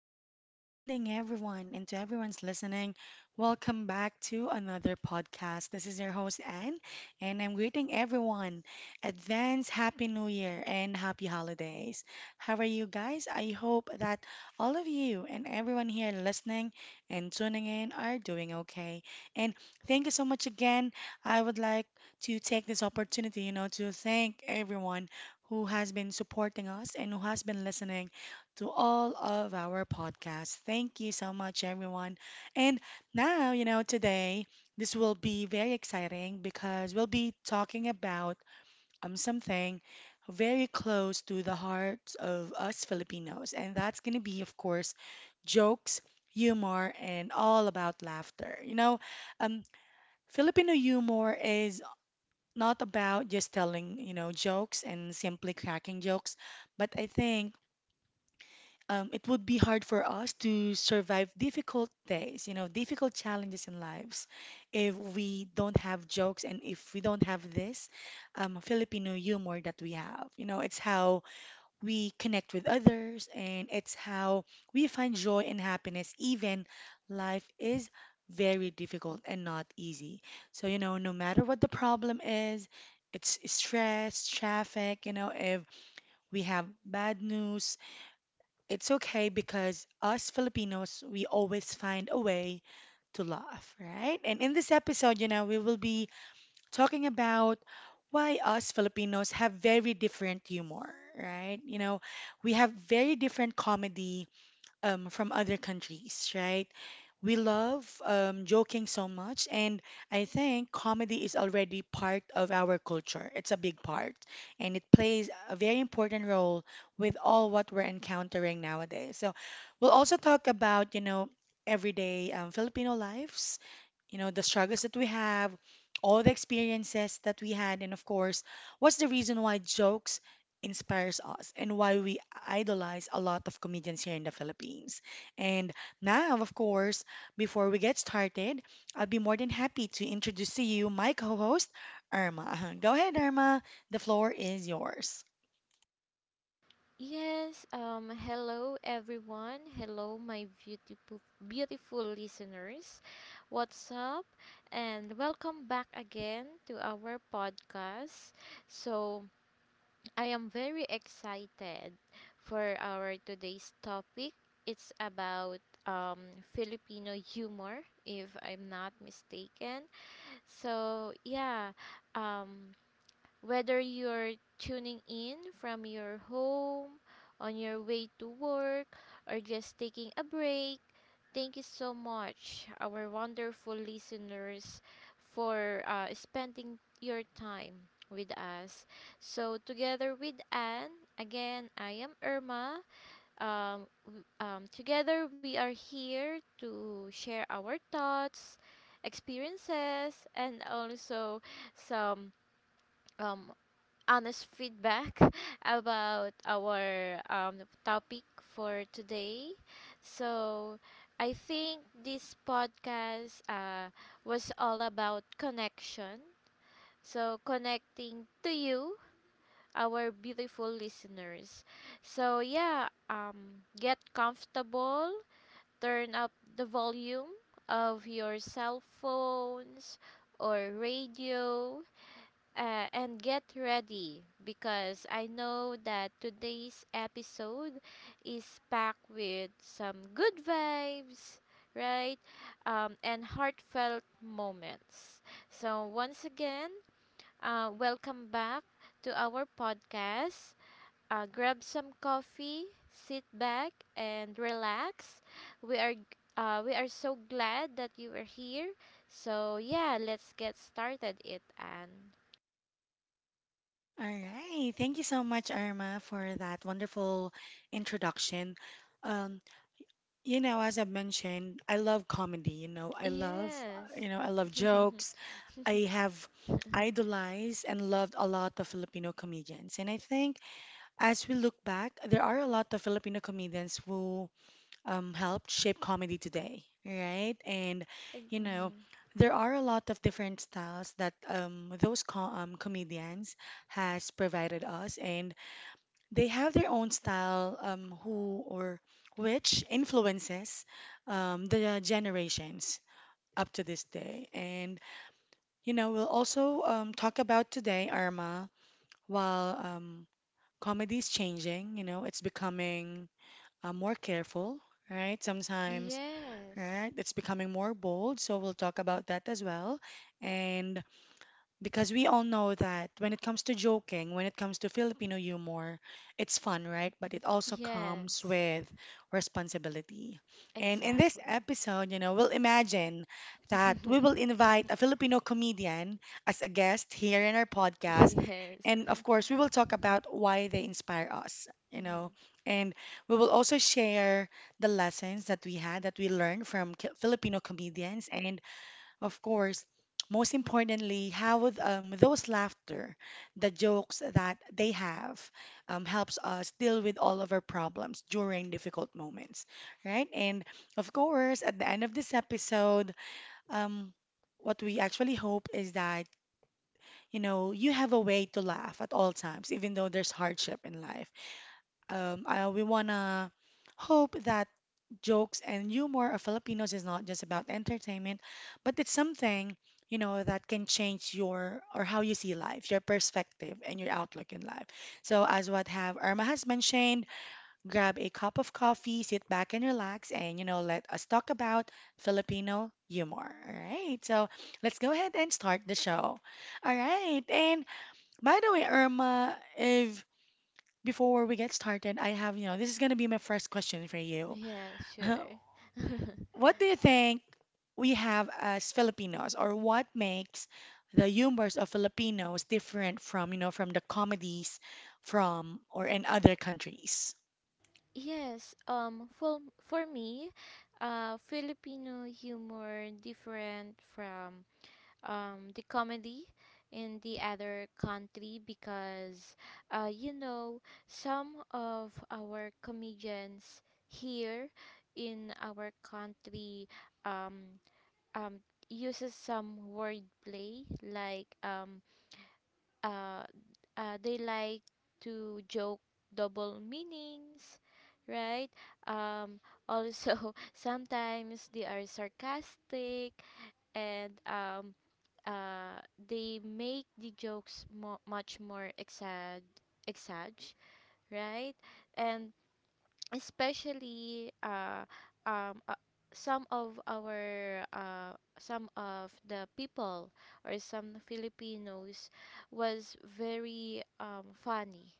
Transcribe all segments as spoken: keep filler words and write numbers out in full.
day. Good evening, everyone. And to everyone's listening, welcome back to another podcast. This is your host, Anne, and I'm greeting everyone. Advance Happy New Year and Happy Holidays. How are you guys? I hope that all of you and everyone here listening and tuning in are doing okay. And thank you so much again. I would like to take this opportunity, you know, to thank everyone who has been supporting us and who has been listening to all of our podcasts. Thank you so much, everyone. And now, you know, today this will be very exciting because we'll be talking about um, something very close to the hearts of us Filipinos. And that's going to be, of course, jokes, humor, and all about laughter. You know, um, Filipino humor is not about just telling, you know, jokes and simply cracking jokes, but I think um, it would be hard for us to survive difficult days, you know, difficult challenges in lives if we don't have jokes and if we don't have this um, Filipino humor that we have. You know, it's how we connect with others and it's how we find joy and happiness, even life is very difficult and not easy. So, you know, no matter what the problem is, it's stress, traffic, you know, if we have bad news, it's okay because us Filipinos, we always find a way to laugh, right? And in this episode, you know, we will be talking about why us Filipinos have very different humor, right? You know, we have very different comedy um, from other countries, right? We love um, joking so much, and I think comedy is already part of our culture. It's a big part, and it plays a very important role with all what we're encountering nowadays. So, we'll also talk about, you know, everyday um, Filipino lives, you know, the struggles that we have, all the experiences that we had, and of course, what's the reason why jokes inspires us and why we idolize a lot of comedians here in the Philippines. And now, of course, before we get started, I'll be more than happy to introduce to you my co-host, Irma. Go ahead, Irma. The floor is yours. Yes, um Hello everyone. Hello my beautiful beautiful listeners. What's up? And welcome back again to our podcast. So, I am very excited for our today's topic. It's about um Filipino humor if I'm not mistaken. So, yeah, um whether you're tuning in from your home, on your way to work, or just taking a break, thank you so much, our wonderful listeners, for uh, spending your time with us. So, together with Anne, again, I am Irma. Um, w- um, together, we are here to share our thoughts, experiences, and also some um, honest feedback about our um, topic for today. So, I think this podcast uh, was all about connection. So, connecting to you, our beautiful listeners. So, yeah, um, get comfortable, turn up the volume of your cell phones or radio uh, and get ready because I know that today's episode is packed with some good vibes, right? Um, and heartfelt moments. So, once again, uh, welcome back to our podcast. Uh, grab some coffee, sit back, and relax. We are uh, we are so glad that you are here. So yeah, let's get started it, Anne. All right. Thank you so much, Irma, for that wonderful introduction. Um, You know, as I mentioned, I love comedy. You know, I love, Yes. uh, you know, I love jokes. Ex- I have idolized and loved a lot of Filipino comedians. And I think as we look back, there are a lot of Filipino comedians who um, helped shape comedy today, right? And, you know, mhm. there are a lot of different styles that um, those co um, comedians has provided us. And they have their own style um, who or which influences um, the generations up to this day. And, you know, we'll also um, talk about today, Irma, while um, comedy is changing, you know, it's becoming uh, more careful, right? Sometimes, Yes. right? It's becoming more bold. So we'll talk about that as well. And because we all know that when it comes to joking, when it comes to Filipino humor, it's fun, right? But it also comes Yes. with responsibility. And in this Exactly. episode, you know, we'll imagine that we will invite a Filipino comedian as a guest here in our podcast. Yes. And of course, we will talk about why they inspire us, you Mhm. know, and we will also share the lessons that we had, that we learned from K- Filipino comedians. And of course, most importantly, how would, um, those laughter, the jokes that they have, um, helps us deal with all of our problems during difficult moments, right? And of course, at the end of this episode, um, what we actually hope is that, you know, you have a way to laugh at all times, even though there's hardship in life um, uh, we wanna hope that jokes and humor of Filipinos is not just about entertainment, but it's something, you know, that can change your or how you see life, your perspective and your outlook in life. So as what have Irma has mentioned, grab a cup of coffee, sit back and relax, and you know, let us talk about Filipino humor. All right. So let's go ahead and start the show. All right. And by the way, Irma, if before we get started, I have, you know, this is going to be my first question for you. Yeah, sure. What do you think we have as Filipinos, or what makes the humors of Filipinos different from, you know, from the comedies from or in other countries? yes, um for for me, uh Filipino humor different from um the comedy in the other country because uh you know some of our comedians here in our country um um uses some wordplay like um uh, uh they like to joke double meanings, right? um Also, sometimes they are sarcastic and um uh, they make the jokes mo- much more exag exag, right? And especially uh, um, uh, some of our uh, some of the people or some Filipinos was very um, funny,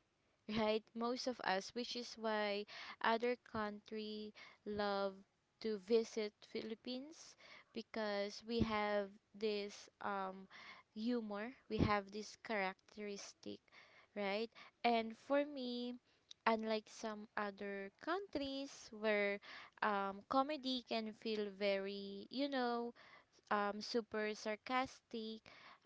right, most of us, which is why other country love to visit Philippines because we have this um, humor, we have this characteristic, right? And for me, unlike some other countries where um, comedy can feel very, you know, um, super sarcastic,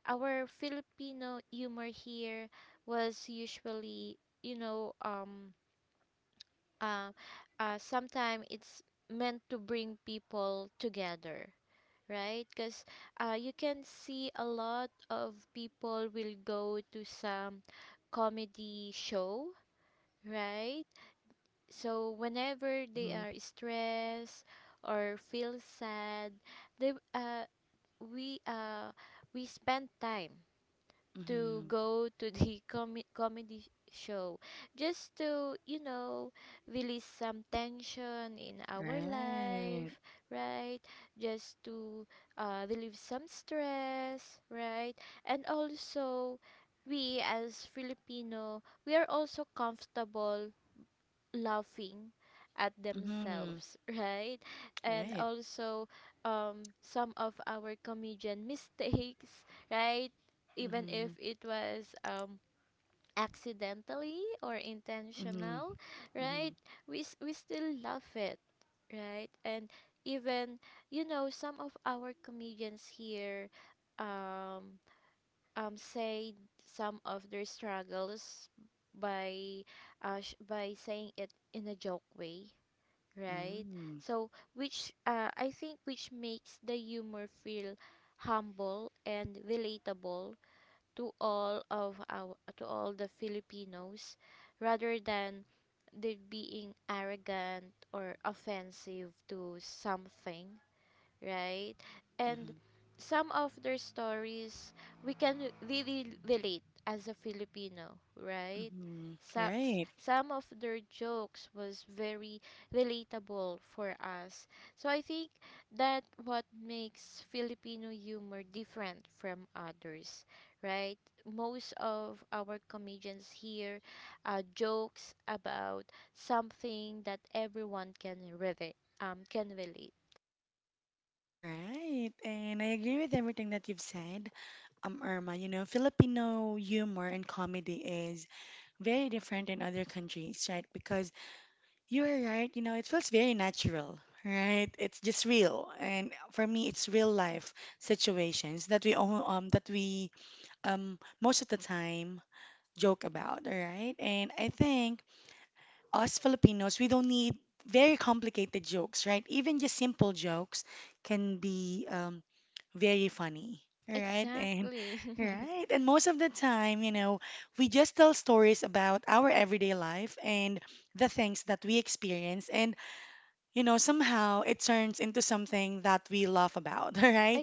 our Filipino humor here was usually, you know, um, uh, uh, sometimes it's meant to bring people together, right? Because uh, you can see a lot of people will go to some comedy show, right? So whenever they Mm-hmm. are stressed or feel sad they uh we uh we spend time to Mm-hmm. go to the com- comedy show just to, you know, release some tension in our Right. life, right? Just to uh, relieve some stress, right? And also, we as filipino, we are also comfortable laughing at Mm-hmm. themselves, right? And Right. also, um, some of our comedian mistakes, right? Even Mm-hmm. if it was um, accidentally or Mm-hmm. intentional, Mm-hmm. right? We s- we still love it, right? And even, you know, some of our comedians here, um, um, say some of their struggles by uh, sh- by saying it in a joke way, right? Mm-hmm. So which, uh, I think, which makes the humor feel humble and relatable to all of our to all the filipinos rather than they being arrogant or offensive to something, right? And some of their stories we can really relate as a Filipino, right? Mm-hmm. So, s- Right. some of their jokes was very relatable for us. So I think that what makes Filipino humor different from others, right? Most of our comedians here uh, jokes about something that everyone can relate um can relate. Right, and I agree with everything that you've said, um, Irma. You know, Filipino humor and comedy is very different in other countries, right? Because you are right, you know, it feels very natural, right? It's just real, and for me, it's real life situations that we all, um that we um most of the time joke about, all right? And I think us Filipinos, we don't need very complicated jokes, right? Even just simple jokes can be um very funny, right? And Exactly. right, and most of the time, you know, we just tell stories about our everyday life and the things that we experience, and you know, somehow it turns into something that we laugh about. Right,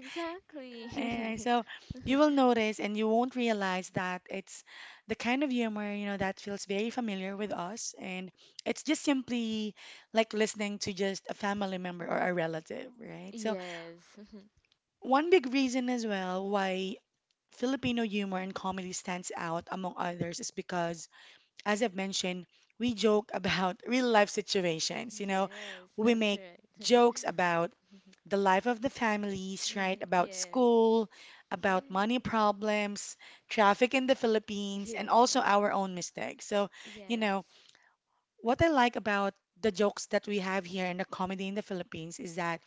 and so you will notice and you won't realize that it's the kind of humor, you know, that feels very familiar with us, and it's just simply like listening to just a family member or a relative, right? So Yes. one big reason as well why Filipino humor and comedy stands out among others is because, as I've mentioned, we joke about real life situations. You know, Yes, we that's make right. jokes about the life of the families, right? hmm About Yes. school, about money Yes. problems, traffic in the Philippines, and also Yes. our own mistakes. So, you know, Yes. what I like about the jokes that we have here in the comedy in the Philippines is that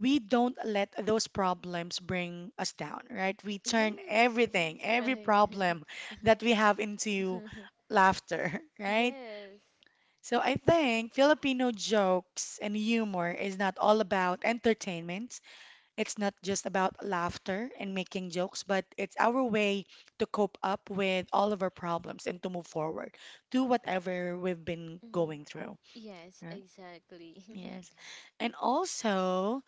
we don't let those problems bring us down, right? We turn Yes, everything, that's every right. problem that we have into laughter, right? Yes. So I think Filipino jokes and humor is not all about entertainment. It's not just about laughter and making jokes, but it's our way to cope up with all of our problems and to move forward to whatever we've been hmm going through, Yes, right? exactly. Yes. And also,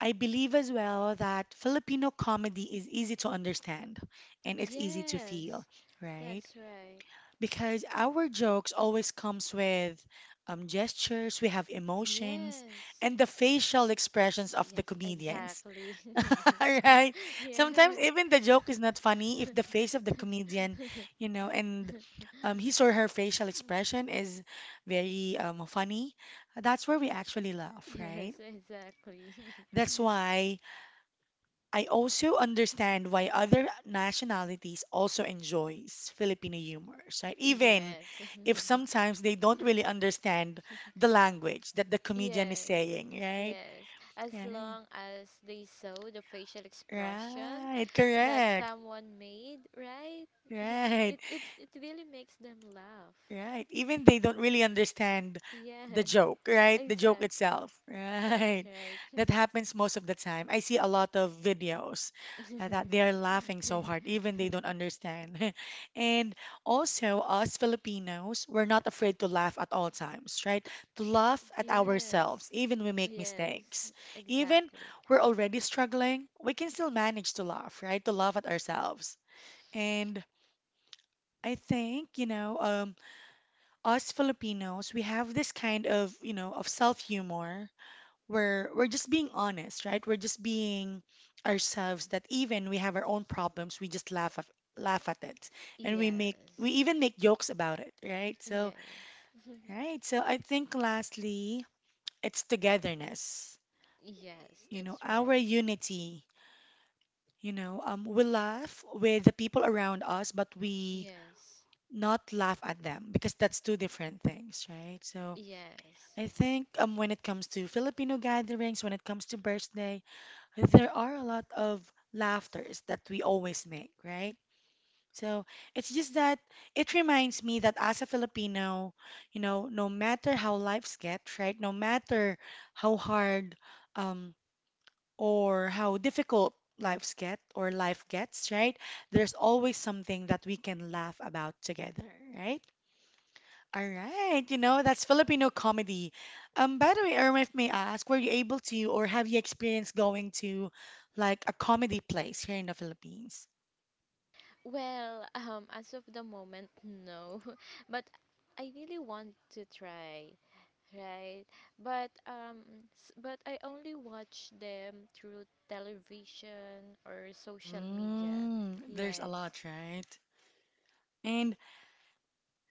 I believe as well that Filipino comedy is easy to understand and it's easy to feel, Yes. right? That's right. Because our jokes always comes with um, gestures, we have emotions, Yes. and the facial expressions of the Yes, comedians, exactly. right? Yeah. Sometimes even the joke is not funny if the face of the comedian, you know, and um, his or her facial expression is very um, funny. That's where we actually laugh, right? Yes, exactly. That's why I also understand why other nationalities also enjoys Filipino humors, right? Even Yes. if sometimes they don't really understand the language that the comedian is Yes, saying, right? yes. As Right. long as they saw the facial expression Right. that Correct. someone made, right? Right. It it it really makes them laugh. Right. Even they don't really understand the Yes. joke, right? The joke itself, Exactly. That's right? right. That happens most of the time. I see a lot of videos uh, that they are laughing so hard, even they don't understand. And also, us Filipinos, we're not afraid to laugh at all times, right? To laugh at ourselves, Yes, even we make yes, mistakes. Even exactly. we're already struggling, we can still manage to laugh, right? To laugh at ourselves. And I think, you know, um, us Filipinos, we have this kind of, you know, of self-humor where we're just being honest, right? We're just being ourselves that even we have our own problems, we just laugh at, laugh at it. And we make, we Yes, even make jokes about it, right? So, yes. right. So I think lastly, it's togetherness. Yes. You know, That's our right. unity. You know, um, we laugh with the people around us, but we Yes. not laugh at them because that's two different things, right? So, Yes. I think um, when it comes to Filipino gatherings, when it comes to birthday, there are a lot of laughters that we always make, right? So it's just that it reminds me that as a Filipino, you know, no matter how life gets, right? No matter how hard um, or how difficult lives get or life gets, right? There's always something that we can laugh about together, right? All right, you know, that's Filipino comedy. Um, by the way, Irma, if may I ask, were you able to or have you experienced going to like a comedy place here in the Philippines? Well, um, as of the moment, no. But I really want to try, right? But um, s- but I only watch them through television or social media. Mm, there's a Yes. lot, right? And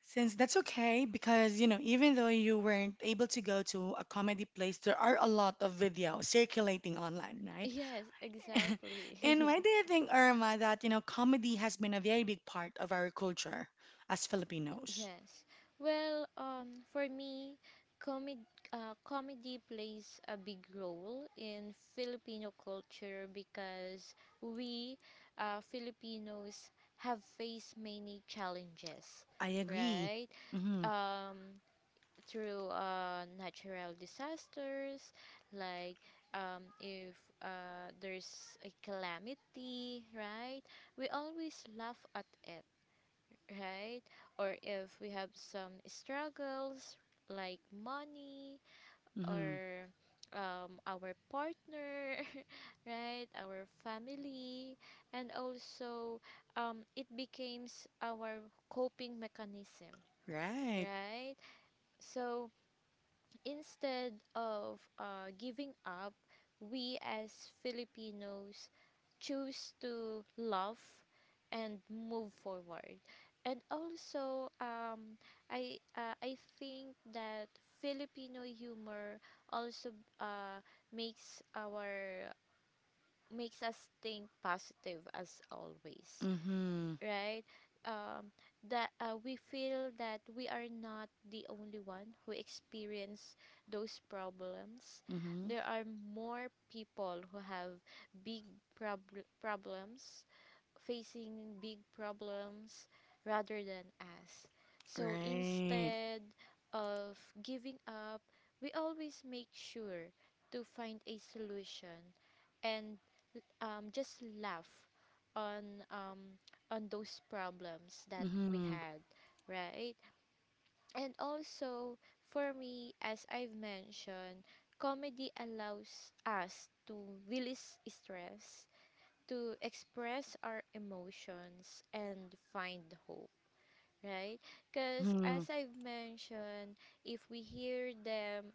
since that's okay, because you know, even though you weren't able to go to a comedy place, there are a lot of videos circulating online, right? Yes, And exactly. why do you think, Irma, that you know, comedy has been a very big part of our culture as Filipinos? Yes. Well, um, for me, comedy uh, comedy plays a big role in Filipino culture because we uh, Filipinos have faced many challenges, I agree. right? Mhm. Um, Through uh, natural disasters, like um, if uh, there's a calamity, right? We always laugh at it, right? Or if we have some struggles like money Mm-hmm. or um, our partner, right? Our family, and also um, it becomes our coping mechanism, Right. right? So instead of uh, giving up, we as Filipinos choose to love and move forward. And also, um, I uh, I think that Filipino humor also uh, makes our makes us think positive as always, Mm-hmm. right? Um, that uh, we feel that we are not the only one who experience those problems. Mm-hmm. There are more people who have big prob- problems facing big problems rather than us. So Right. instead of giving up, we always make sure to find a solution and um, just laugh on um, on those problems that we Mm-hmm. had, right? And also for me, as I've mentioned, comedy allows us to release stress to express our emotions and find hope, right? Because Mm-hmm. as I've mentioned, if we hear them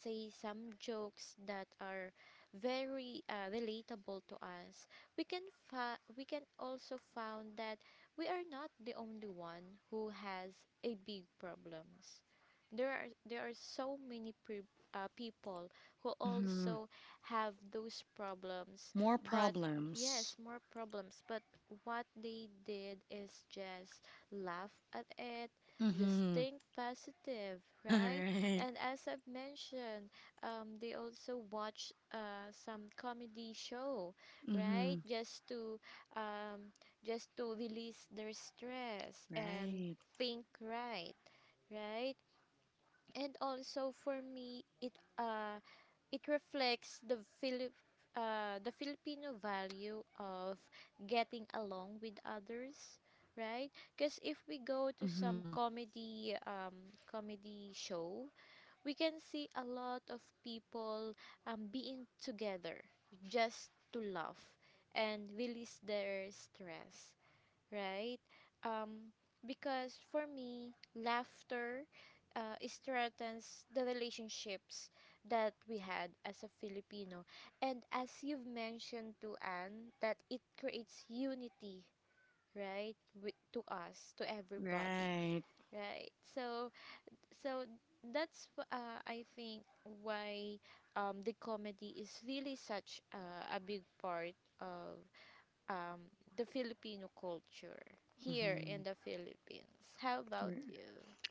say some jokes that are very uh, relatable to us, we can fa- we can also found that we are not the only one who has a big problems. There are there are so many pre- uh, people who Mm-hmm. also have those problems, More but yes, problems. more problems. But what they did is just laugh at it, just Mm-hmm. think positive, right? Right. And as I've mentioned, um, they also watch uh, some comedy show, right? Mm-hmm. Just to um, just to release their stress and Right. think right, right? And also for me, it uh it reflects the Philip uh the Filipino value of getting along with others, right? Because if we go to some Mm-hmm. comedy um comedy show, we can see a lot of people um being together just to laugh and release their stress, right? Um, because for me, laughter uh, strengthens the relationships that we had as a Filipino. And as you've mentioned to Anne, that it creates unity, right? With, to us, to everybody, Right. right? So, so that's wh- uh, I think why um, the comedy is really such uh, a big part of um, the Filipino culture here Mm-hmm. in the Philippines. How about you?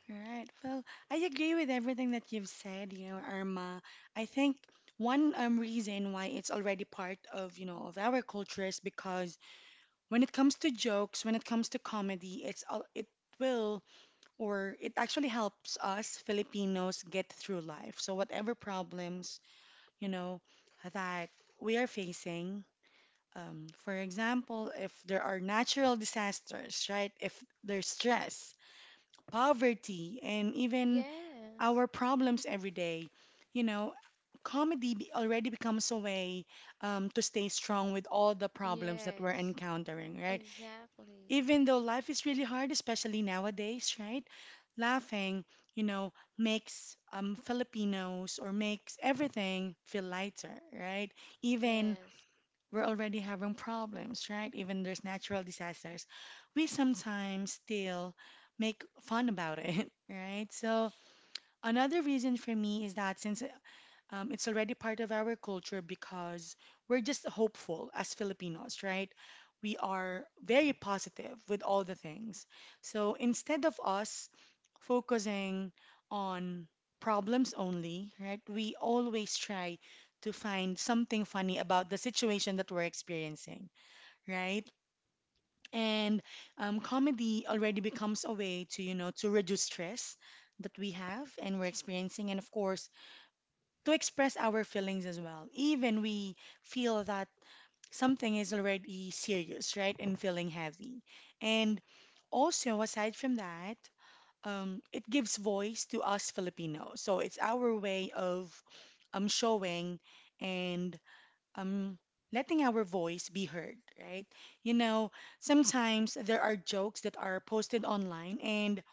Right. Well, I agree with everything that you've said, you know, Irma. I think one um, reason why it's already part of, you know, of our culture is because when it comes to jokes, when it comes to comedy, it's all it will or it actually helps us Filipinos get through life. So whatever problems, you know, that we are facing, um, for example, if there are natural disasters, right? If there's stress, poverty, and even Yes, our problems every day, you know, comedy be- already becomes a way um, to stay strong with all the problems that we're yes, encountering, right? exactly. Even though life is really hard, especially nowadays, right? Laughing, you know, makes um, Filipinos or makes everything feel lighter, right? Even Yes, we're already having problems, right? Even there's natural disasters, we sometimes still make fun about it, right? So another reason for me is that since um, it's already part of our culture because we're just hopeful as Filipinos, right? We are very positive with all the things. So instead of us focusing on problems only, right, we always try to find something funny about the situation that we're experiencing, right? And um, comedy already becomes a way to, you know, to reduce stress that we have and we're experiencing. And of course, to express our feelings as well. Even we feel that something is already serious, right? And feeling heavy. And also, aside from that, um, it gives voice to us Filipinos. So it's our way of um, showing and um, letting our voice be heard, right? You know, sometimes there are jokes that are posted online and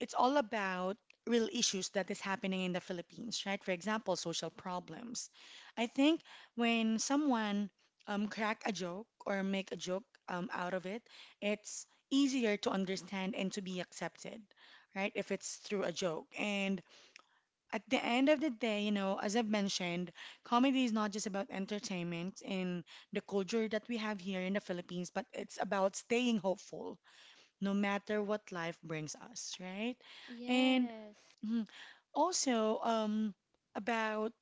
it's all about real issues that is happening in the Philippines, right? For example, social problems. I think when someone um, crack a joke or make a joke um, out of it, it's easier to understand and to be accepted, right? If it's through a joke. And at the end of the day, you know, as I've mentioned, comedy is not just about entertainment in the culture that we have here in the Philippines, but it's about staying hopeful no matter what life brings us, right? And yes. mhm, also, um, about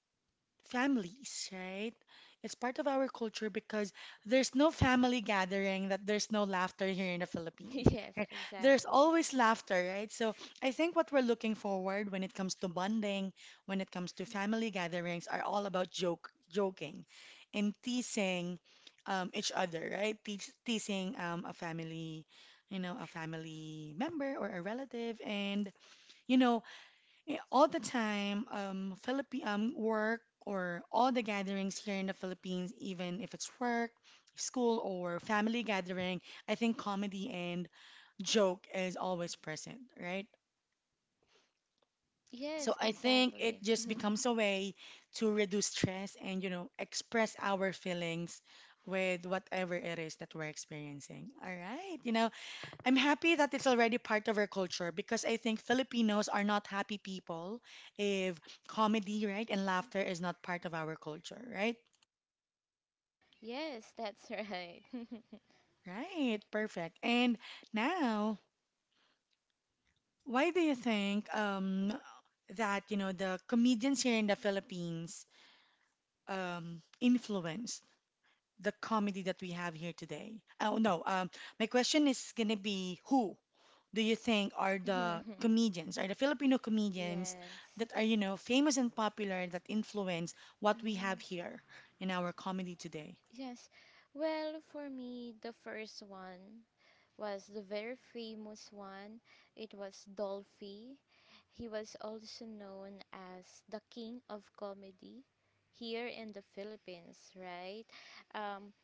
families, right? It's part of our culture because there's no family gathering that there's no laughter here in the Philippines, Yes, right? There's exactly. always laughter, right? So I think what we're looking forward when it comes to bonding, when it comes to family gatherings, are all about joke, joking, and teasing um, each other, right? Teas teasing um, a family, you know, a family member or a relative, and you know, yeah, all the time, um, Philippi um, work or all the gatherings here in the Philippines, even if it's work, school, or family gathering, I think comedy and joke is always present, right? So Yes, I think it exactly. just becomes a way to reduce stress and, you know, express our feelings with whatever it is that we're experiencing. All right. You know, I'm happy that it's already part of our culture because I think Filipinos are not happy people if comedy, right, and laughter is not part of our culture, right? Yes, that's right. Right, perfect. And now, why do you think um, that, you know, the comedians here in the Philippines um, influenced the comedy that we have here today. Oh, no. Um, my question is going to be who do you think are the comedians, are the Filipino comedians Yes. that are, you know, famous and popular that influence what we have Mm, here in our comedy today? yes. Well, for me, the first one was the very famous one. It was Dolphy. He was also known as the king of comedy here in the Philippines, right? Um,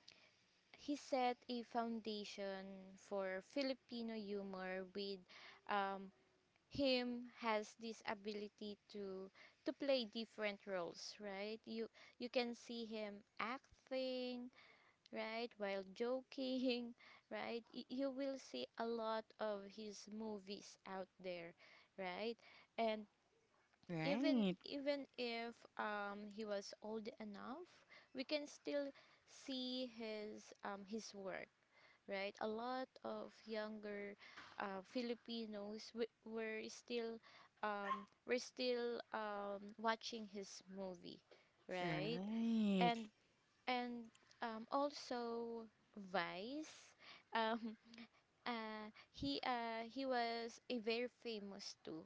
he set a foundation for Filipino humor with um, him has this ability to to play different roles, right? You you can see him acting, right? While joking, right? Y- you will see a lot of his movies out there, right? And even Right, even if um he was old enough, we can still see his um his work, right? A lot of younger uh, Filipinos w- were still um were still um watching his movie, right? right, And and um, also, Vice. Um, uh, he uh, He was a very famous too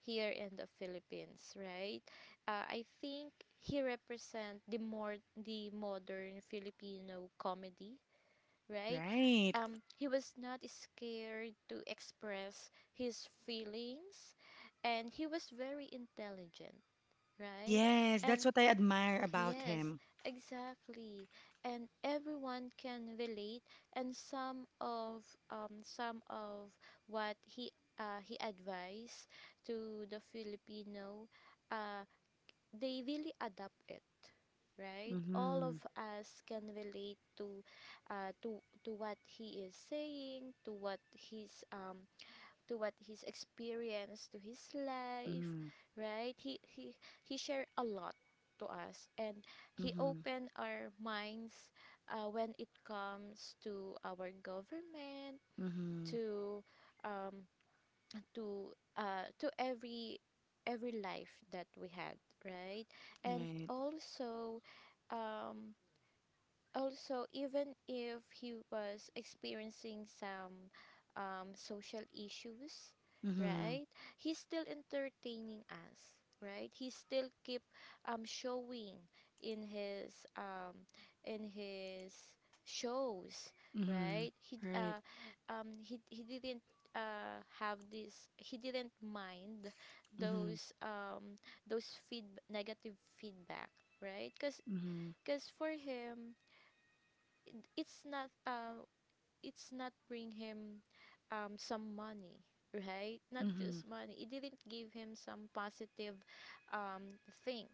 here in the Philippines, right? Uh, I think he represent the more the modern Filipino comedy, right? right. Um, he was not scared to express his feelings, and he was very intelligent, right? Yes, that's And what I admire about Yes, him. exactly. And everyone can relate and some of um some of what he uh, he advised to the Filipino uh they really adapt it, right? All Mm-hmm, of us can relate to uh to to what he is saying, to what he's um to what he's experienced to his life, mm-hmm, right? He he he shared a lot to us and he mm-hmm, opened our minds uh, when it comes to our government to um to uh to every every life that we had, right? And mm-hmm, right, also um also even if he was experiencing some um, social issues, mm-hmm, right? He's still entertaining us, right? He still keep um, showing in his um, in his shows, mm-hmm, right? he d- right, uh, um, he, He didn't uh, have this he didn't mind mm-hmm, those um, those feed negative feedback, right? because mm-hmm, because for him it's not uh, it's not bring him um some money, right? Not mm-hmm, just money, it didn't give him some positive um thing,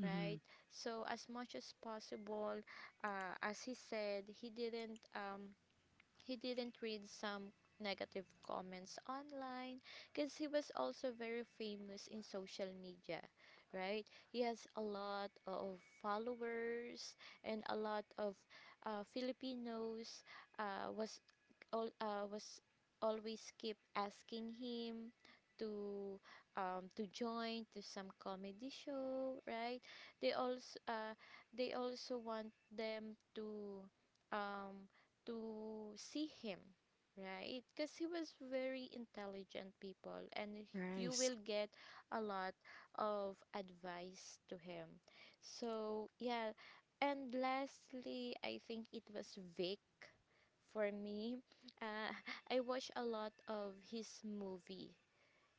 mm-hmm. right? So as much as possible, uh, as he said, he didn't um he didn't read some negative comments online because he was also very famous in social media, right? He has a lot of followers, and a lot of uh, filipinos uh, was all uh, was always keep asking him to um, to join to some comedy show, right? They also uh, they also want them to um, to see him, right? Because he was very intelligent people and you Rice. will get a lot of advice to him. So, yeah. And lastly, I think it was Vic for me. Uh, I watch a lot of his movie,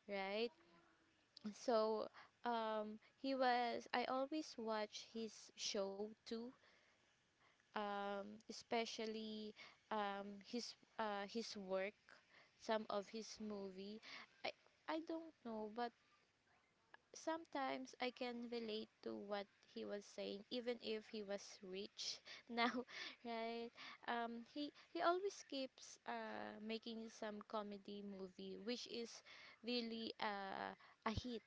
right? So, um, he was, I always watch his show too um, especially um, his uh, his work, some of his movie. I I don't know, but sometimes I can relate to what he was saying, even if he was rich now, right? Um, he he always keeps uh, making some comedy movie, which is really uh, a hit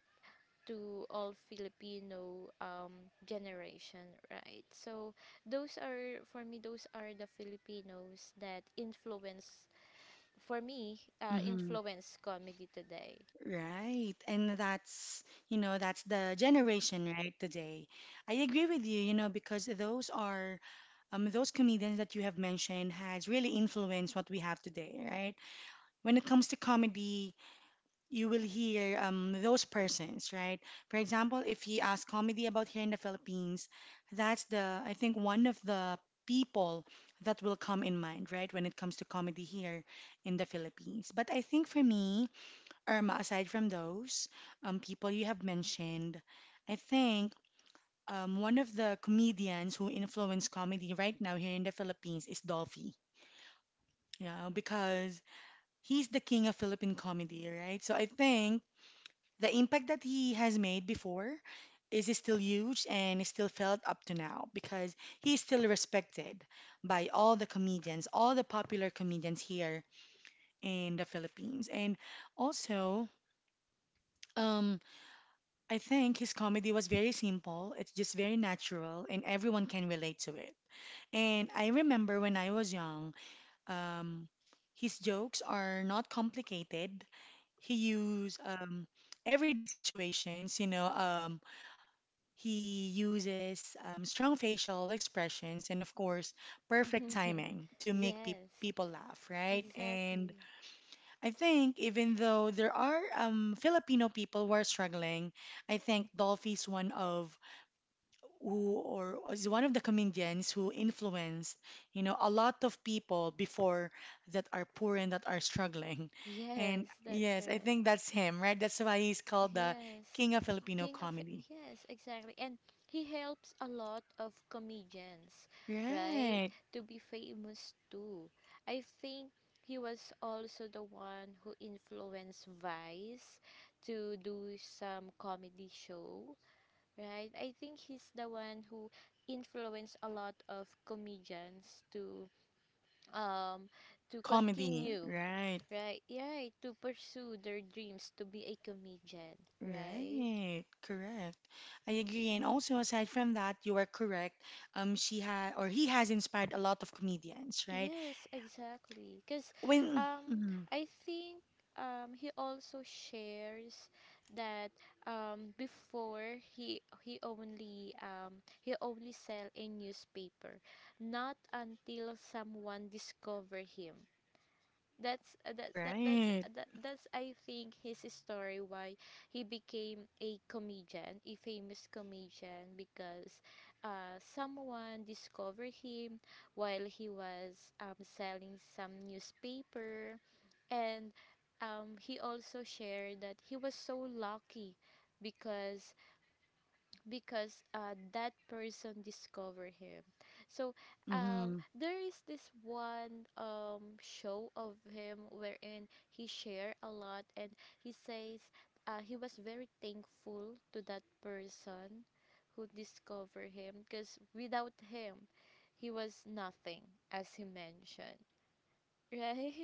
to all Filipino um, generation, right? So those are for me those are the Filipinos that influence for me uh, Mm-hmm. influence comedy today. Right. And that's, you know, that's the generation right today. I agree with you, you know, because those are um those comedians that you have mentioned has really influenced what we have today, right? When it comes to comedy, you will hear um those persons, right? For example, if you ask comedy about here in the Philippines, that's the I think one of the people that will come in mind, right, when it comes to comedy here in the Philippines. But I think for me, Irma, aside from those um, people you have mentioned, I think um, one of the comedians who influence comedy right now here in the Philippines is Dolphy. Yeah, because he's the king of Philippine comedy, right? So I think the impact that he has made before is still huge and is still felt up to now because he's still respected by all the comedians, all the popular comedians here in the Philippines. And also, um, I think his comedy was very simple, it's just very natural, and everyone can relate to it. And I remember when I was young, um, his jokes are not complicated. He use um, everyday situations, you know, um, he uses um, strong facial expressions and, of course, perfect timing to make pe Yes, people laugh, right? And exactly. I think even though there are um, Filipino people who are struggling, I think Dolphy's one of who or is one of the comedians who influenced you know a lot of people before that are poor and that are struggling and Yes, that's yes I right. think that's him right that's why he's called the Yes, king of Filipino king of comedy yes, exactly. And he helps a lot of comedians, right? right To be famous too. I think he was also the one who influenced Vice to do some comedy show, right? I think he's the one who influenced a lot of comedians to um, to comedy continue, right right? Right, to pursue their dreams to be a comedian, right? right correct I agree and also aside from that you are correct um she had or he has inspired a lot of comedians right Yes, exactly. Because when um, mhm, I think um, he also shares that um, before he he only um, he only sell a newspaper, not until someone discover him that's uh, that, that that's right. uh, that, that's I think his story why he became a comedian, a famous comedian because uh someone discovered him while he was um selling some newspaper and um he also shared that he was so lucky because because uh, that person discovered him. So um, Mm-hmm. there is this one um, show of him wherein he share a lot and he says uh, he was very thankful to that person who discovered him because without him he was nothing as he mentioned, right.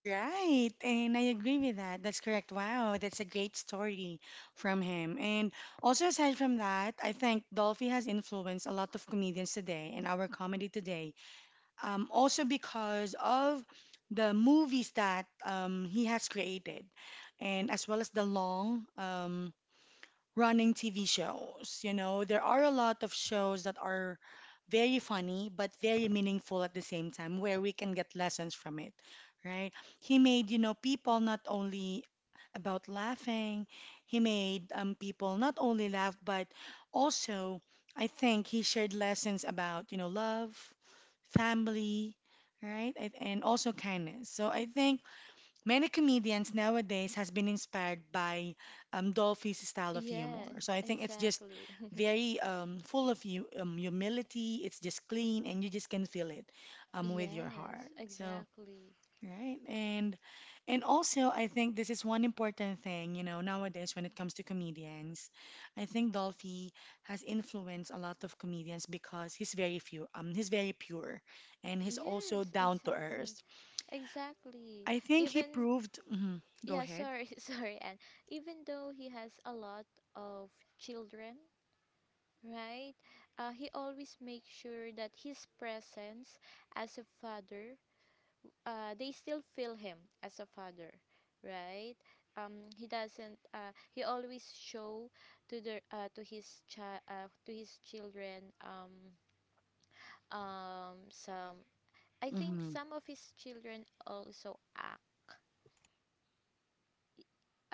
Right, and I agree with that. That's correct. Wow, that's a great story from him. And also, aside from that, I think Dolphy has influenced a lot of comedians today and our comedy today. Um, also because of the movies that um, he has created, and as well as the long um, running T V shows. You know, there are a lot of shows that are very funny but very meaningful at the same time where we can get lessons from it, right? He made, you know, people not only about laughing, he made um, people not only laugh but also I think he shared lessons about, you know, love, family, right? And and also kindness. So I think many comedians nowadays has been inspired by um, Dolphy's style of humor. So Yes, I think it's just exactly. very um, full of you, um, humility. It's just clean, and you just can feel it um, with your heart. Yes, So exactly. right, and and also I think this is one important thing. You know, nowadays when it comes to comedians, I think Dolphy has influenced a lot of comedians because he's very few. Um, he's very pure, and he's also Yes, down to exactly. earth. Exactly. I think he Even proved. Mhm, go yeah, ahead. sorry, sorry, and even though he has a lot of children, right? Uh, he always makes sure that his presence as a father, uh, they still feel him as a father, right? Um, he doesn't. Uh, he always show to the uh, to his child uh, to his children. Um, um, some. I think Hmm. some of his children also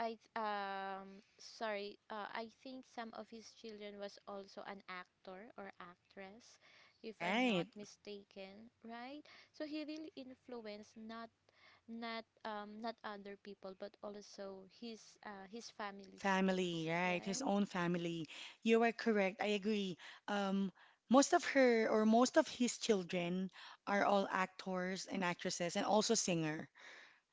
I th- um sorry. Uh, I think some of his children was also an actor or actress, if I'm Right. not mistaken, right? So he really influenced not not um not other people, but also his uh his families too, Family, s- right. His right? own family. You are correct. I agree. Um, most of her or most of his children are all actors and actresses and also singer.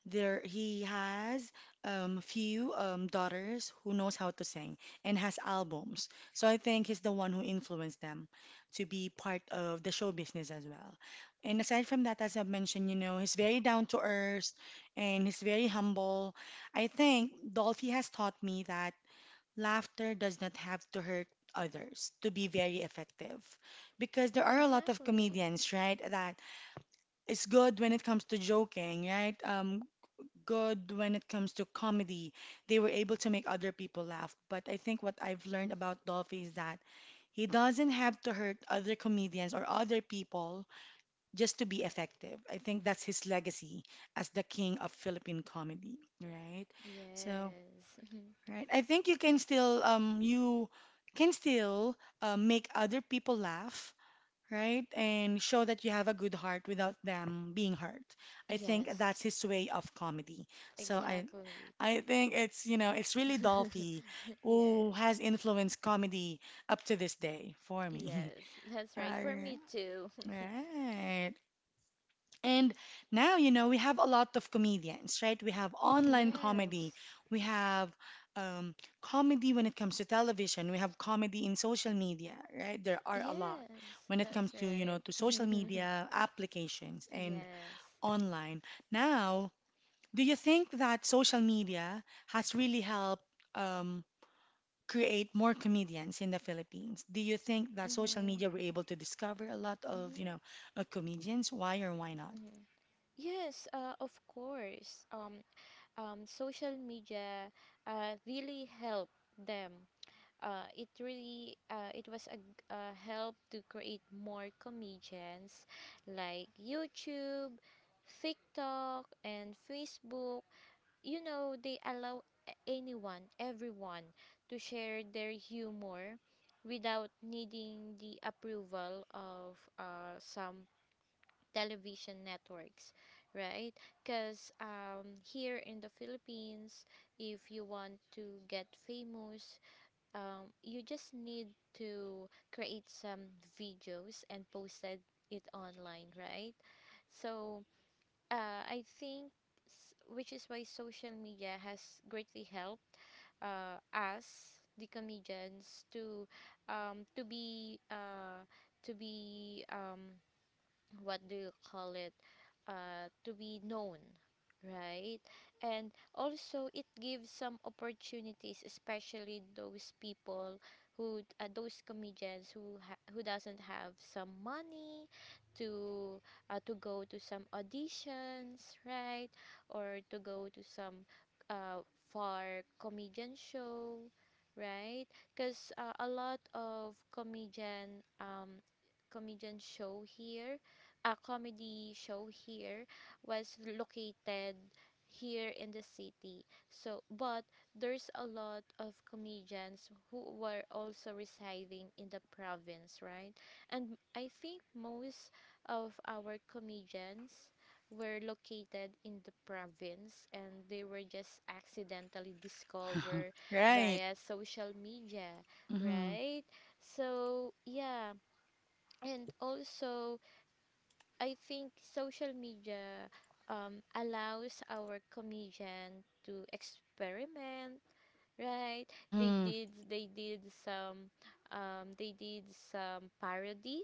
There, he has um, few um, daughters who knows how to sing and has albums. So I think he's the one who influenced them to be part of the show business as well. And aside from that, as I mentioned, you know, he's very down to earth and he's very humble. I think Dolphy has taught me that laughter does not have to hurt others to be very effective because there are a lot of Exactly. comedians right that it's good when it comes to joking right um good when it comes to comedy. They were able to make other people laugh. But I think what I've learned about Dolphy is that he doesn't have to hurt other comedians or other people just to be effective. I think that's his legacy as the king of Philippine comedy, right? So, Yes. right. I think you can still um you can still uh, make other people laugh, right? And show that you have a good heart without them being hurt. I think that's Yes. his way of comedy. So I Exactly. I think it's, you know, it's really Dolphy who Yes. has influenced comedy up to this day for me. Yes. That's right. For All me too. right. And now, you know, we have a lot of comedians, right? We have online Yes. comedy. We have um, comedy when it comes to television. We have comedy in social media, right? There are a lot Yes, when it comes that's to, you know, right. to social media applications and Yes. online. Now, do you think that social media has really helped um, create more comedians in the Philippines? Do you think that social Mhm. media were able to discover a lot of, you Mhm. know, uh, comedians? Why or why not? Mhm. Yes, uh, of course. Um, um, social media uh, really helped them. Uh, it really uh, it was a, g- a help to create more comedians like YouTube, TikTok, and Facebook. You know, they allow a- anyone everyone to share their humor without needing the approval of uh, some television networks, right? Because um, here in the philippines, if you want to get famous um, you just need to create some videos and posted it online, right? So uh, I think, s- which is why social media has greatly helped uh, us, the comedians, to um, to be uh, to be um, what do you call it, uh, to be known, right? And also it gives some opportunities especially those people who uh, those comedians who ha- who doesn't have some money to uh, to go to some auditions, right? Or to go to some uh, far comedian show, right? Because uh, a lot of comedian um comedian show here, a comedy show here was located here in the city. So, but there's a lot of comedians who were also residing in the province, right? And I think most of our comedians were located in the province and they were just accidentally discovered Right. via social media, Mm-hmm. right? So, yeah, and also I think social media um, allows our comedian to experiment, right? They Mm-hmm. did they did some um, they did some parody,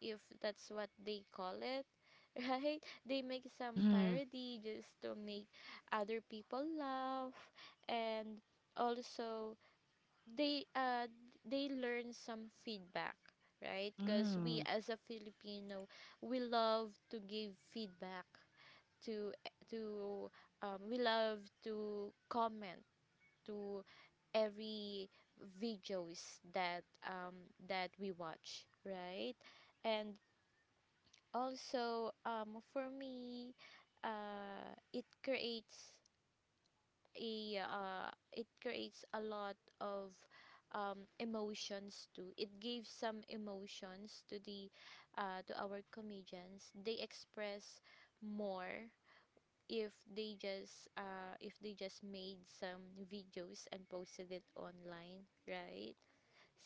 if that's what they call it, right? They make some Mm-hmm. parody just to make other people laugh, and also they uh they learn some feedback, right? Because we Mm-hmm. as a filipino, we love to give feedback to to um, we love to comment to every videos that um that we watch, right? And also um for me, uh it creates a uh, it creates a lot of um, emotions too. It gives some emotions to the uh, to our comedians. They express more if they just uh, if they just made some videos and posted it online, right?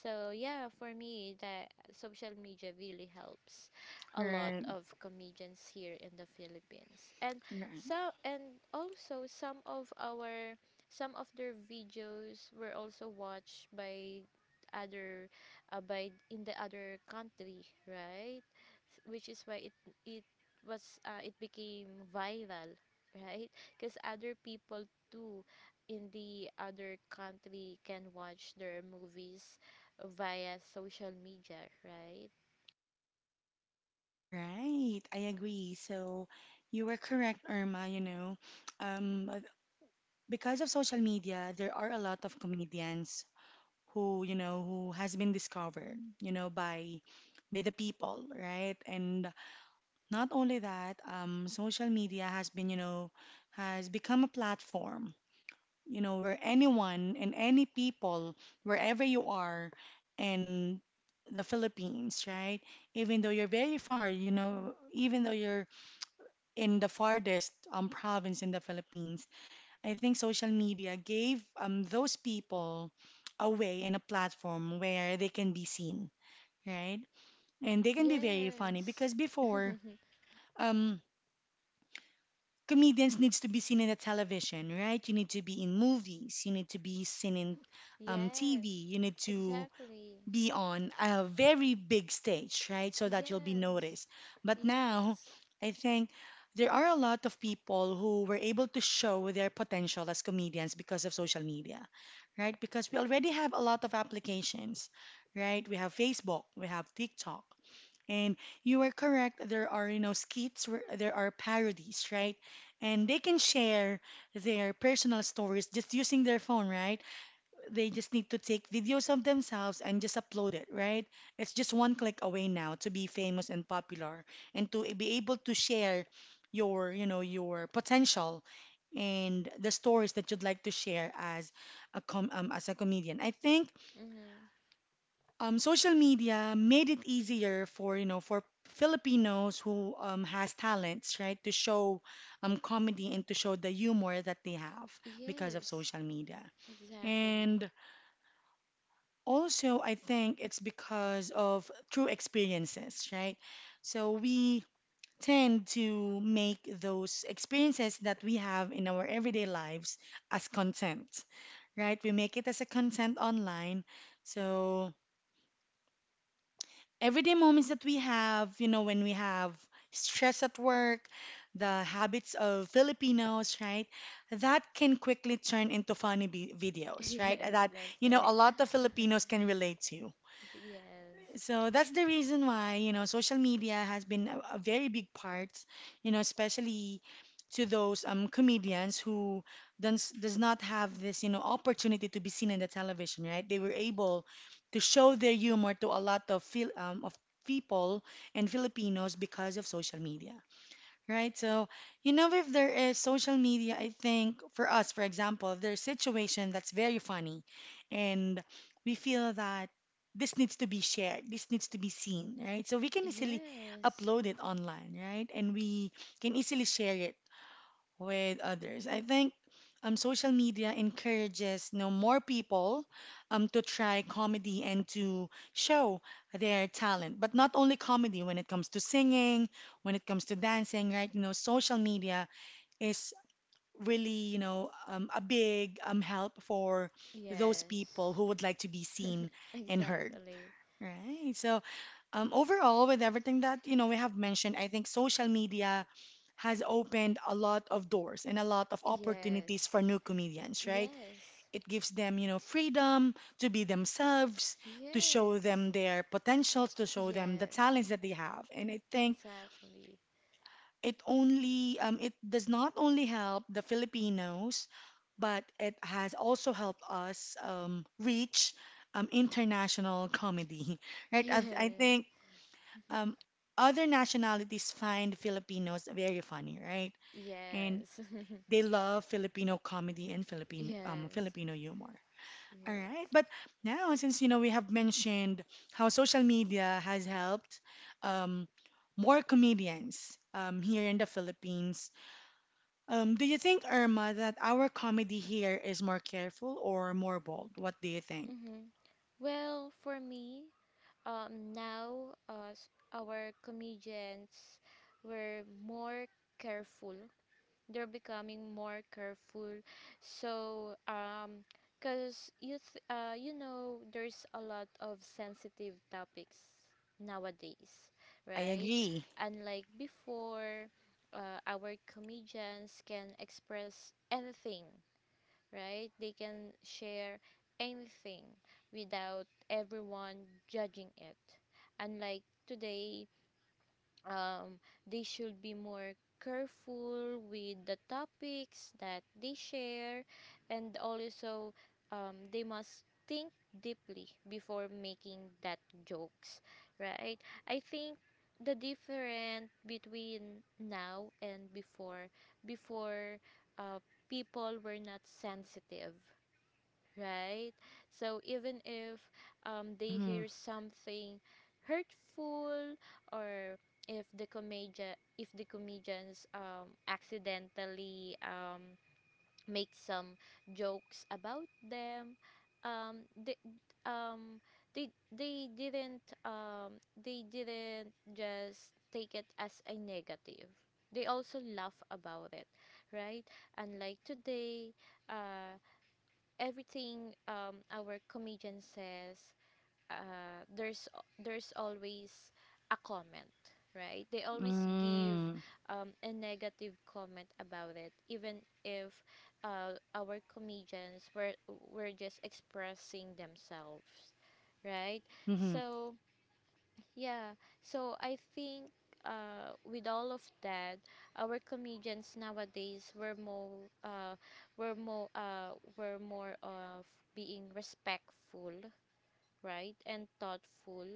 So yeah, for me, that social media really helps a lot Right. of comedians here in the Philippines, and Right. so and also some of our some of their videos were also watched by other uh, by in the other country, right? S- Which is why it it was uh, it became viral, right? Because other people too in the other country can watch their movies via social media, right? Right. I agree. So you were correct, Irma, you know. Um, uh, because of social media, there are a lot of comedians who you know who has been discovered you know by by the people, right? And not only that, um, social media has been you know has become a platform, you know where anyone and any people, wherever you are in the Philippines, right? Even though you're very far, you know even though you're in the farthest um, province in the Philippines, I think social media gave um, those people a way and a platform where they can be seen, right? And they can be very funny because Yes. before, um, comedians needs to be seen in the television, right? You need to be in movies, you need to be seen in um, T V, Yes. you need to Exactly. be on a very big stage, right? So that you'll be Yes. noticed. But now, Yes. I think there are a lot of people who were able to show their potential as comedians because of social media, right? Because we already have a lot of applications, right? We have Facebook, we have TikTok. And you are correct, there are, you know, skits, where- there are parodies, right? And they can share their personal stories just using their phone, right? They just need to take videos of themselves and just upload it, right? It's just one click away now to be famous and popular and to be able to share your, you know, your potential and the stories that you'd like to share as a com um, as a comedian. I think Mm-hmm. um, social media made it easier for, you know, for Filipinos who um, has talents, right, to show um, comedy and to show the humor that they have because of Yes. social media. Exactly. And also, I think it's because of true experiences, right? So we tend to make those experiences that we have in our everyday lives as content, right? We make it as a content online. So everyday moments that we have, you know, when we have stress at work, the habits of Filipinos, right? That can quickly turn into funny vi- videos, right? Yes, That, that's you know, a right. lot of Filipinos can relate to. Yes. So that's the reason why, you know, social media has been a, a very big part, you know, especially to those um comedians who does does not have this, you know, opportunity to be seen in the television, right? They were able to show their humor to a lot of Phil, um, of people and Filipinos because of social media, right? So, you know, if there is social media, I think for us, for example, if there's a situation that's very funny and we feel that this needs to be shared, this needs to be seen, right? So we can easily Yes. upload it online, right? And we can easily share it with others. I think um, social media encourages, you know, more people um, to try comedy and to show their talent. But not only comedy, when it comes to singing, when it comes to dancing, right? You know, social media is really, you know, um, a big um, help for those people Yes. who would like to be seen and heard. Exactly. Right. So, um, overall, with everything that you know we have mentioned, I think social media has opened a lot of doors and a lot of opportunities for Yes. new comedians. Right? Yes. It gives them, you know, freedom to be themselves, to show Yes. them their potentials, to show them the Yes. talents that they have. And I think Exactly. it only, um, it does not only help the Filipinos, but it has also helped us um, reach um, international comedy. Right? I, I Yeah. think um, other nationalities find Filipinos very funny, right? And Yes. they love Filipino comedy and Philippine um, Yes, Filipino humor. All yes. right, but now since you know we have mentioned how social media has helped um, more comedians um, here in the Philippines, um, do you think, Irma, that our comedy here is more careful or more bold? What do you think? Mm-hmm. Well, for me, um, now uh, s- our comedians were more careful. They're becoming more careful. So, um, cause you th- uh, you know, there's a lot of sensitive topics nowadays, I right? agree. Unlike before, uh, our comedians can express anything, right? They can share anything without everyone judging it. Unlike today, um, they should be more careful with the topics that they share, and also um, they must think deeply before making that jokes, right? I think the difference between now and before, before uh, people were not sensitive, right? So even if um, they Mm-hmm. hear something hurtful, or if the comedia if the comedians um, accidentally um, make some jokes about them um, they, um, they they didn't um, they didn't just take it as a negative, they also laugh about it, right. Unlike today, uh, everything um, our comedian says, uh, there's there's always a comment, right? They always give um, a negative comment about it, even if uh, our comedians were were just expressing themselves, right? Mm-hmm. So yeah, so I think uh, with all of that, our comedians nowadays were more uh, were more uh, were more of being respectful, right, and thoughtful.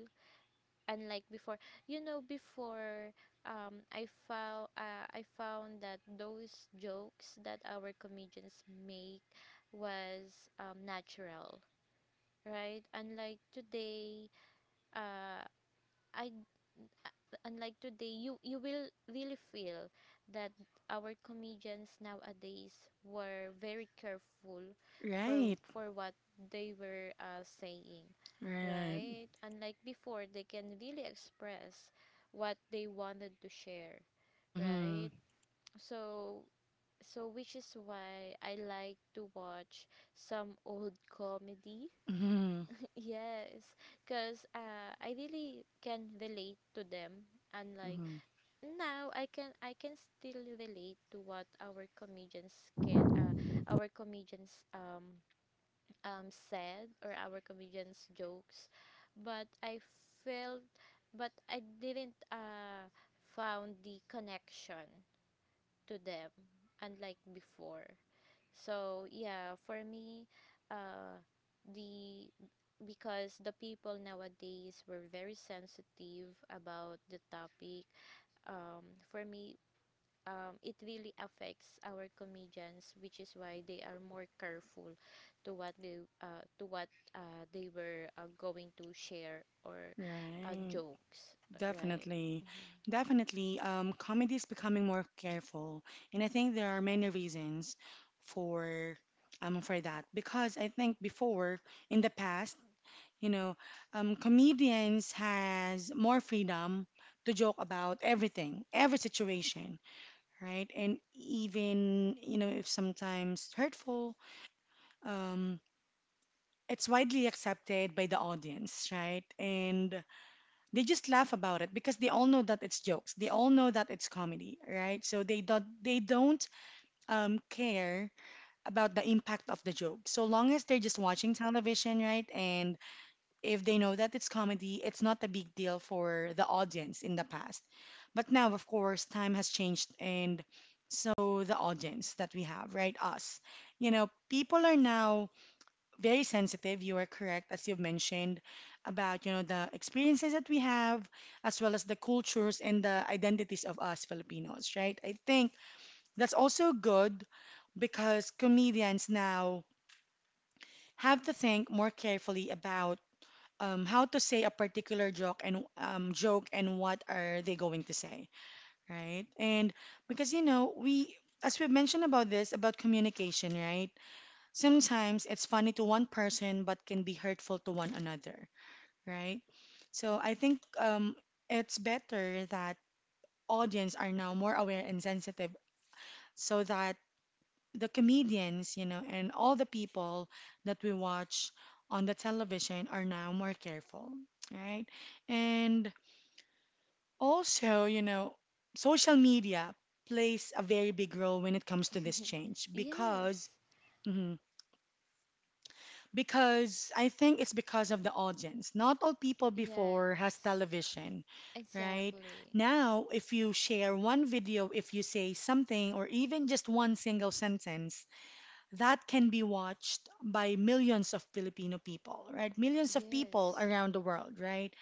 Unlike before, you know, before um, I found uh, I found that those jokes that our comedians make was um, natural, right? Unlike today, uh, I unlike today you you will really feel that our comedians nowadays were very careful for Right. for what they were uh, saying, Right. right? Unlike before, they can really express what they wanted to share, Mm-hmm. right? So, so which is why I like to watch some old comedy. Mm-hmm. Yes, because uh, I really can relate to them, unlike Mm-hmm. now. I can I can still relate to what our comedians can uh our comedians um um said, or our comedians jokes, but I felt, but I didn't uh found the connection to them, unlike before. So yeah, for me, uh the because the people nowadays were very sensitive about the topic, um for me, um, it really affects our comedians, which is why they are more careful to what they uh, to what uh, they were uh, going to share or uh, Right. jokes, right? Definitely. Hmm. Definitely. Um, comedy is becoming more careful, and I think there are many reasons for um for that because I think before, in the past, you know, um, comedians has more freedom to joke about everything, every situation, right? And even, you know, if sometimes hurtful, um, it's widely accepted by the audience, right? And they just laugh about it because they all know that it's jokes, they all know that it's comedy, right? So they don't they don't um, care about the impact of the joke so long as they're just watching television, right? And if they know that it's comedy, it's not a big deal for the audience in the past. But now, of course, time has changed, and so the audience that we have, right, us, you know people are now very sensitive. You are correct, as you've mentioned, about you know the experiences that we have, as well as the cultures and the identities of us Filipinos, right? I think that's also good because comedians now have to think more carefully about um, how to say a particular joke, and um, joke and what are they going to say, right? And because you know we. As we've mentioned about this, about communication, right? Sometimes it's funny to one person but can be hurtful to one another, right? So I think um, it's better that audience are now more aware and sensitive so that the comedians, you know, and all the people that we watch on the television are now more careful, right? And also, you know, social media plays a very big role when it comes to this change because Yes, mm-hmm, because I think it's because of the audience. Not all people before has yes, television, right? exactly. Now, if you share one video, if you say something or even just one single sentence, that can be watched by millions of Filipino people, right? Millions of people Yes, around the world, right?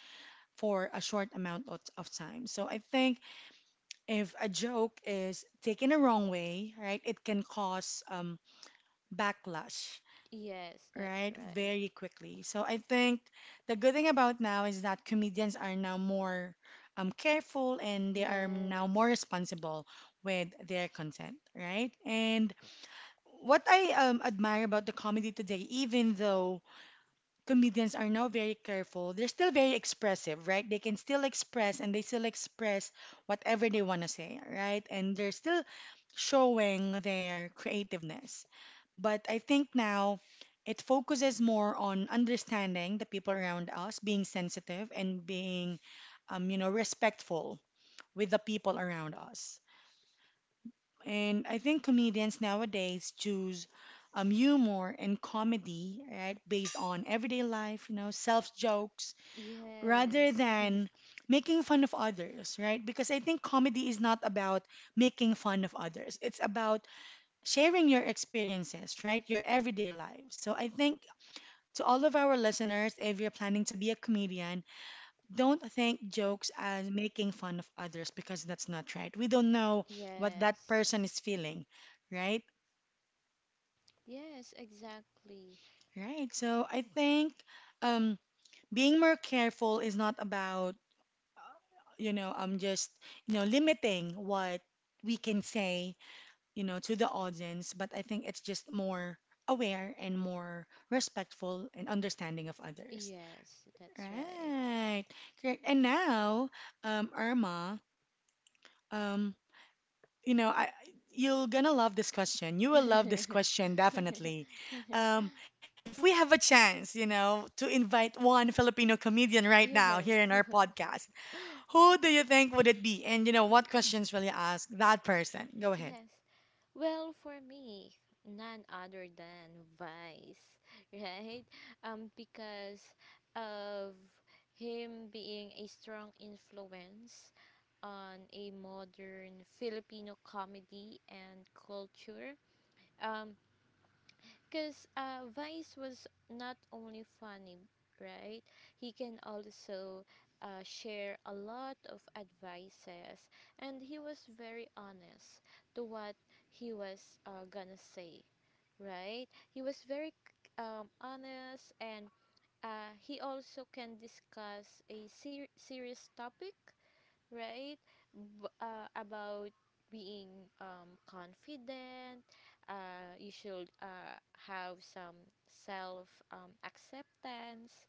For a short amount of, of time. So I think if a joke is taken a wrong way, right, it can cause um, backlash, yes, that's right? right. Very quickly. So I think the good thing about now is that comedians are now more um, careful and they are now more Yes, responsible with their content, right? And what I um, admire about the comedy today, even though comedians are now very careful, they're still very expressive, right? They can still express and they still express whatever they want to say, right? And they're still showing their creativeness. But I think now it focuses more on understanding the people around us, being sensitive and being, um, you know, respectful with the people around us. And I think comedians nowadays choose um, humor and comedy, right, based on everyday life, you know, self jokes, rather yes, than making fun of others, right? Because I think comedy is not about making fun of others, it's about sharing your experiences, right, your everyday lives. So I think to all of our listeners, if you're planning to be a comedian, don't think jokes as making fun of others because that's not right. We don't know what that yes. person is feeling, right? Yes, exactly. Right. So I think um, being more careful is not about, you know, um, just, you know, limiting what we can say, you know, to the audience, but I think it's just more aware and more respectful and understanding of others. Yes, that's right. Right. Correct. And now, um, Irma, um, you know, I you're gonna love this question. You will love this question definitely. Um, if we have a chance, you know, to invite one Filipino comedian right now Yes. here in our podcast, who do you think would it be? And you know, what questions will you ask that person? Go ahead. Yes. Well, for me, none other than Vice, right? Um, because of him being a strong influence on a modern Filipino comedy and culture. Um, Because uh, Vice was not only funny, right? He can also uh, share a lot of advices, and he was very honest to what he was uh, gonna say, right? He was very um, honest, and uh, he also can discuss a ser- serious topic, right? B- uh, about being um, confident. Uh, you should uh, have some self um, acceptance,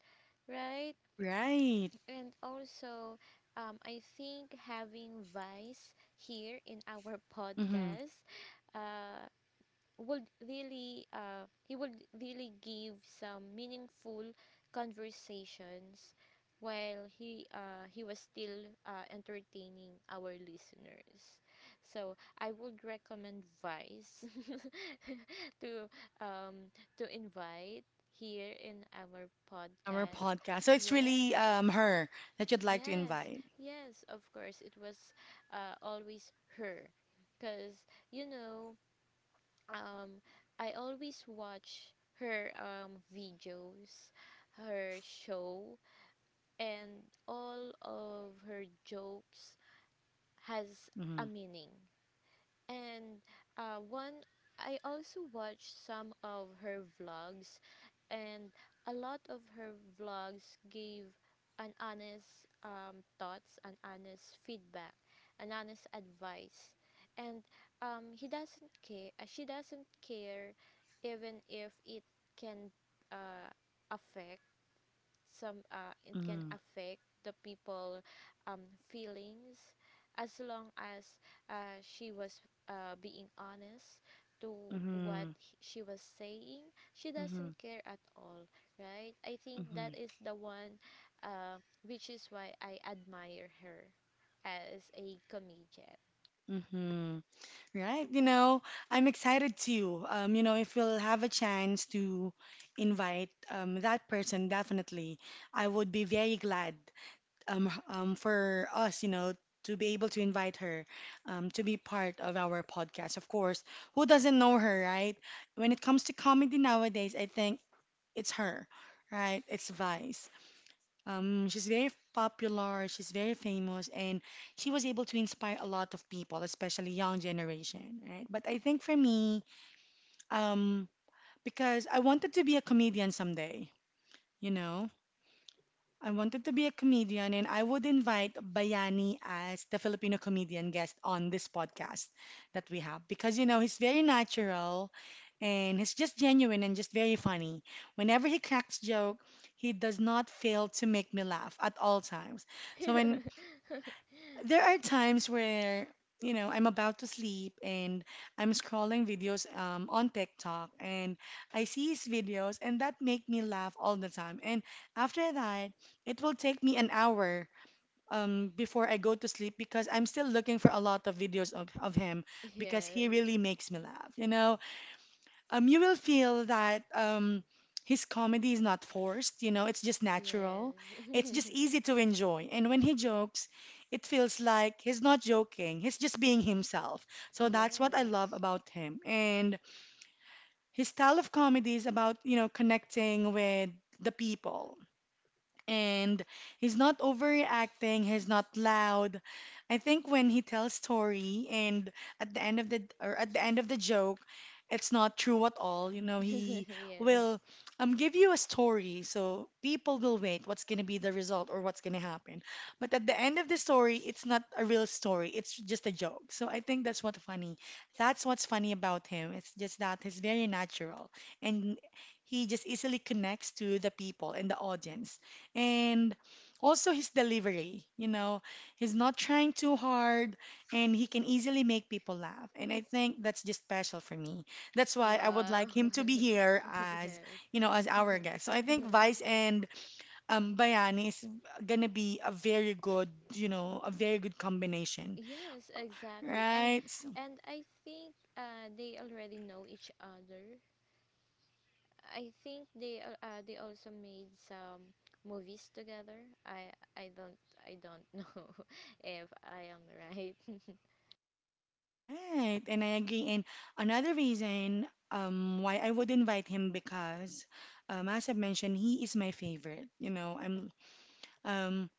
right? Right. And also, um, I think having Vice here in our Mm-hmm. podcast, uh, would really uh, he would really give some meaningful conversations while he uh, he was still uh, entertaining our listeners, so I would recommend vice to um to invite here in our In our podcast. podcast, so it's really Yes, um her that you'd like to yes, invite. yes, of course, it was uh, always her, because you know, um I always watch her um videos, her show, and all of her jokes has a Mm-hmm. meaning. And uh, one I also watched some of her vlogs, and a lot of her vlogs gave an honest um, thoughts, an honest feedback, an honest advice, and um, he doesn't care. Uh, She doesn't care, even if it can uh, affect some uh, it can Mm-hmm. affect the people um, feelings, as long as uh, she was uh, being honest to what Mm-hmm. he- she was saying. She Mm-hmm. doesn't care at all, right? I think Mm-hmm. that is the one uh, which is why I admire her as a comedian. Mm-hmm. Right, you know, I'm excited too. Um, you know, if we'll have a chance to invite um, that person, definitely, I would be very glad, um, h- um, for us, you know, to be able to invite her um, to be part of our podcast. Of course, who doesn't know her, right? When it comes to comedy nowadays, I think it's her, right? It's Vice. Um, she's very popular, she's very famous, and she was able to inspire a lot of people, especially young generation, right? But I think for me, um, because I wanted to be a comedian someday, you know? I wanted to be a comedian, and I would invite Bayani as the Filipino comedian guest on this podcast that we have because, you know, he's very natural and he's just genuine and just very funny. Whenever he cracks joke, he does not fail to make me laugh at all times. So when there are times where you know I'm about to sleep and I'm scrolling videos um, on TikTok and I see his videos and that make me laugh all the time. And after that, it will take me an hour um, before I go to sleep because I'm still looking for a lot of videos of, of him because he Yes, really makes me laugh. You know, um, you will feel that um, his comedy is not forced, you know, it's just natural. It's yes, just easy to enjoy. And when he jokes, it feels like he's not joking, he's just being himself. So that's what I love yes, about him. And his style of comedy is about, you know, connecting with the people. And he's not overreacting, he's not loud. I think when he tells story and at the end of the or at the end of the joke, it's not true at all. You know, he yes, will um give you a story, so people will wait what's gonna be the result or what's gonna happen. But at the end of the story, it's not a real story. It's just a joke. So I think that's what funny. That's what's funny about him. It's just that he's very natural and he just easily connects to the people and the audience. And also his delivery, you know, he's not trying too hard and he can easily make people laugh. And I think that's just special for me. That's why I would wow. like him to be here as, you Yes. know, as our guest. So I think Vice and um, Bayani is gonna be a very good, you know, a very good combination, Yes, exactly. And right? So- and I think uh they already know each other. I think they al- uh they also made some movies together. I I don't I don't know if I am right. right, and I agree. And another reason um, why I would invite him because, um, as I mentioned, he is my favorite. You know, I'm um,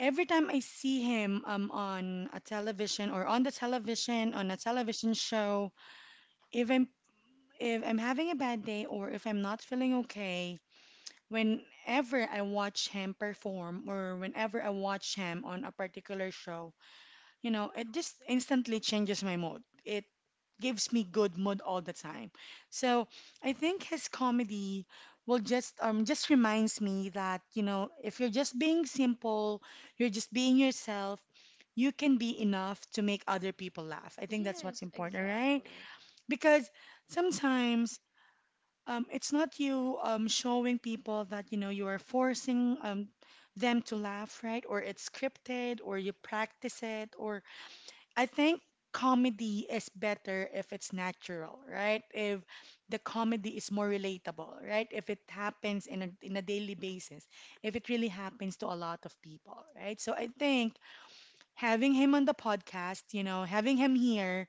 every time I see him um, on a television or on the television on a television show, if I'm If I'm having a bad day or if I'm not feeling okay, whenever I watch him perform or whenever I watch him on a particular show, you know, it just instantly changes my mood. It gives me good mood all the time. So I think his comedy will just um just reminds me that, you know, if you're just being simple, you're just being yourself, you can be enough to make other people laugh. I think that's what's Yes, important, right? exactly. Because sometimes um, it's not you um, showing people that you know you are forcing um, them to laugh, right? Or it's scripted, or you practice it, or I think comedy is better if it's natural, right? If the comedy is more relatable, right? If it happens in a in a daily basis, if it really happens to a lot of people, right? So I think having him on the podcast, you know, having him here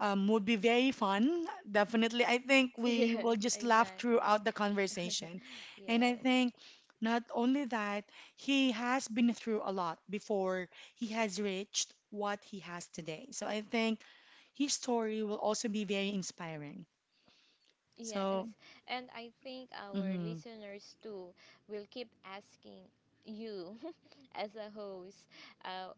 um, would be very fun. Definitely. I think we Yes, will just laugh exactly. throughout the conversation. And I Yes. think not only that, he has been through a lot before he has reached what he has today. So I think his story will also be very inspiring. Yes. So, And I think our mhm. listeners too will keep asking you as a host, uh,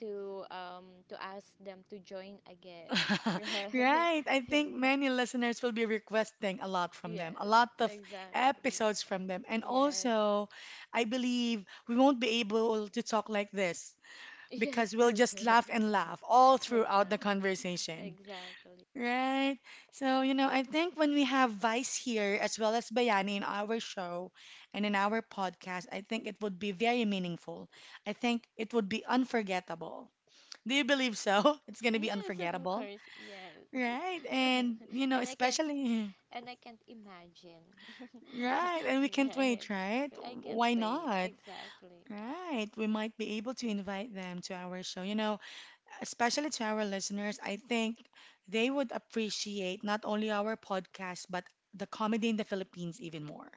to um to ask them to join again, right? Right. I think many listeners will be requesting a lot from them, a Yes, lot of exactly. episodes from them. And Yes. also, I believe we won't be able to talk like this Yes, because we'll that's just right. laugh and laugh all throughout exact the conversation. exactly. Right? So, you know, I think when we have Vice here as well as Bayani in our show and in our podcast, I think it would be very meaningful. I think it would be unforgettable. Do you believe so? It's going to be Yes, of unforgettable. course. Yes. Right? And, you know, and I can't especially, and I can't imagine. right? And we can't Right. wait, right? I can't Why wait. not? Exactly. Right. We might be able to invite them to our show. You know, especially to our listeners, I think they would appreciate not only our podcast, but the comedy in the Philippines even more,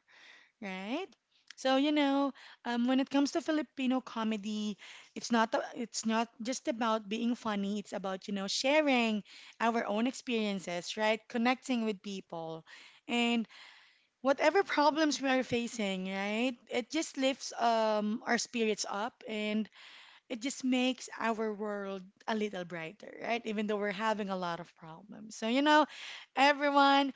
right? So, you know, um, when it comes to Filipino comedy, it's not a- it's not just about being funny. It's about, you know, sharing our own experiences, right? Connecting with people, and whatever problems we are facing, right? It just lifts um, our spirits up and it just makes our world a little brighter, right? Even though we're having a lot of problems. So, you know, everyone,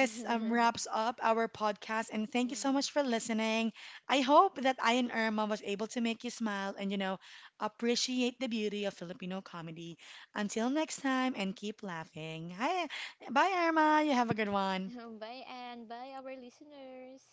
um, Mm-hmm. wraps up our podcast. And thank you so much for listening. I hope that I and Irma was able to make you smile and, you know, appreciate the beauty of Filipino comedy. Until next time, and keep laughing. Hi. Bye, Irma. You have a good one. Bye, and bye our listeners.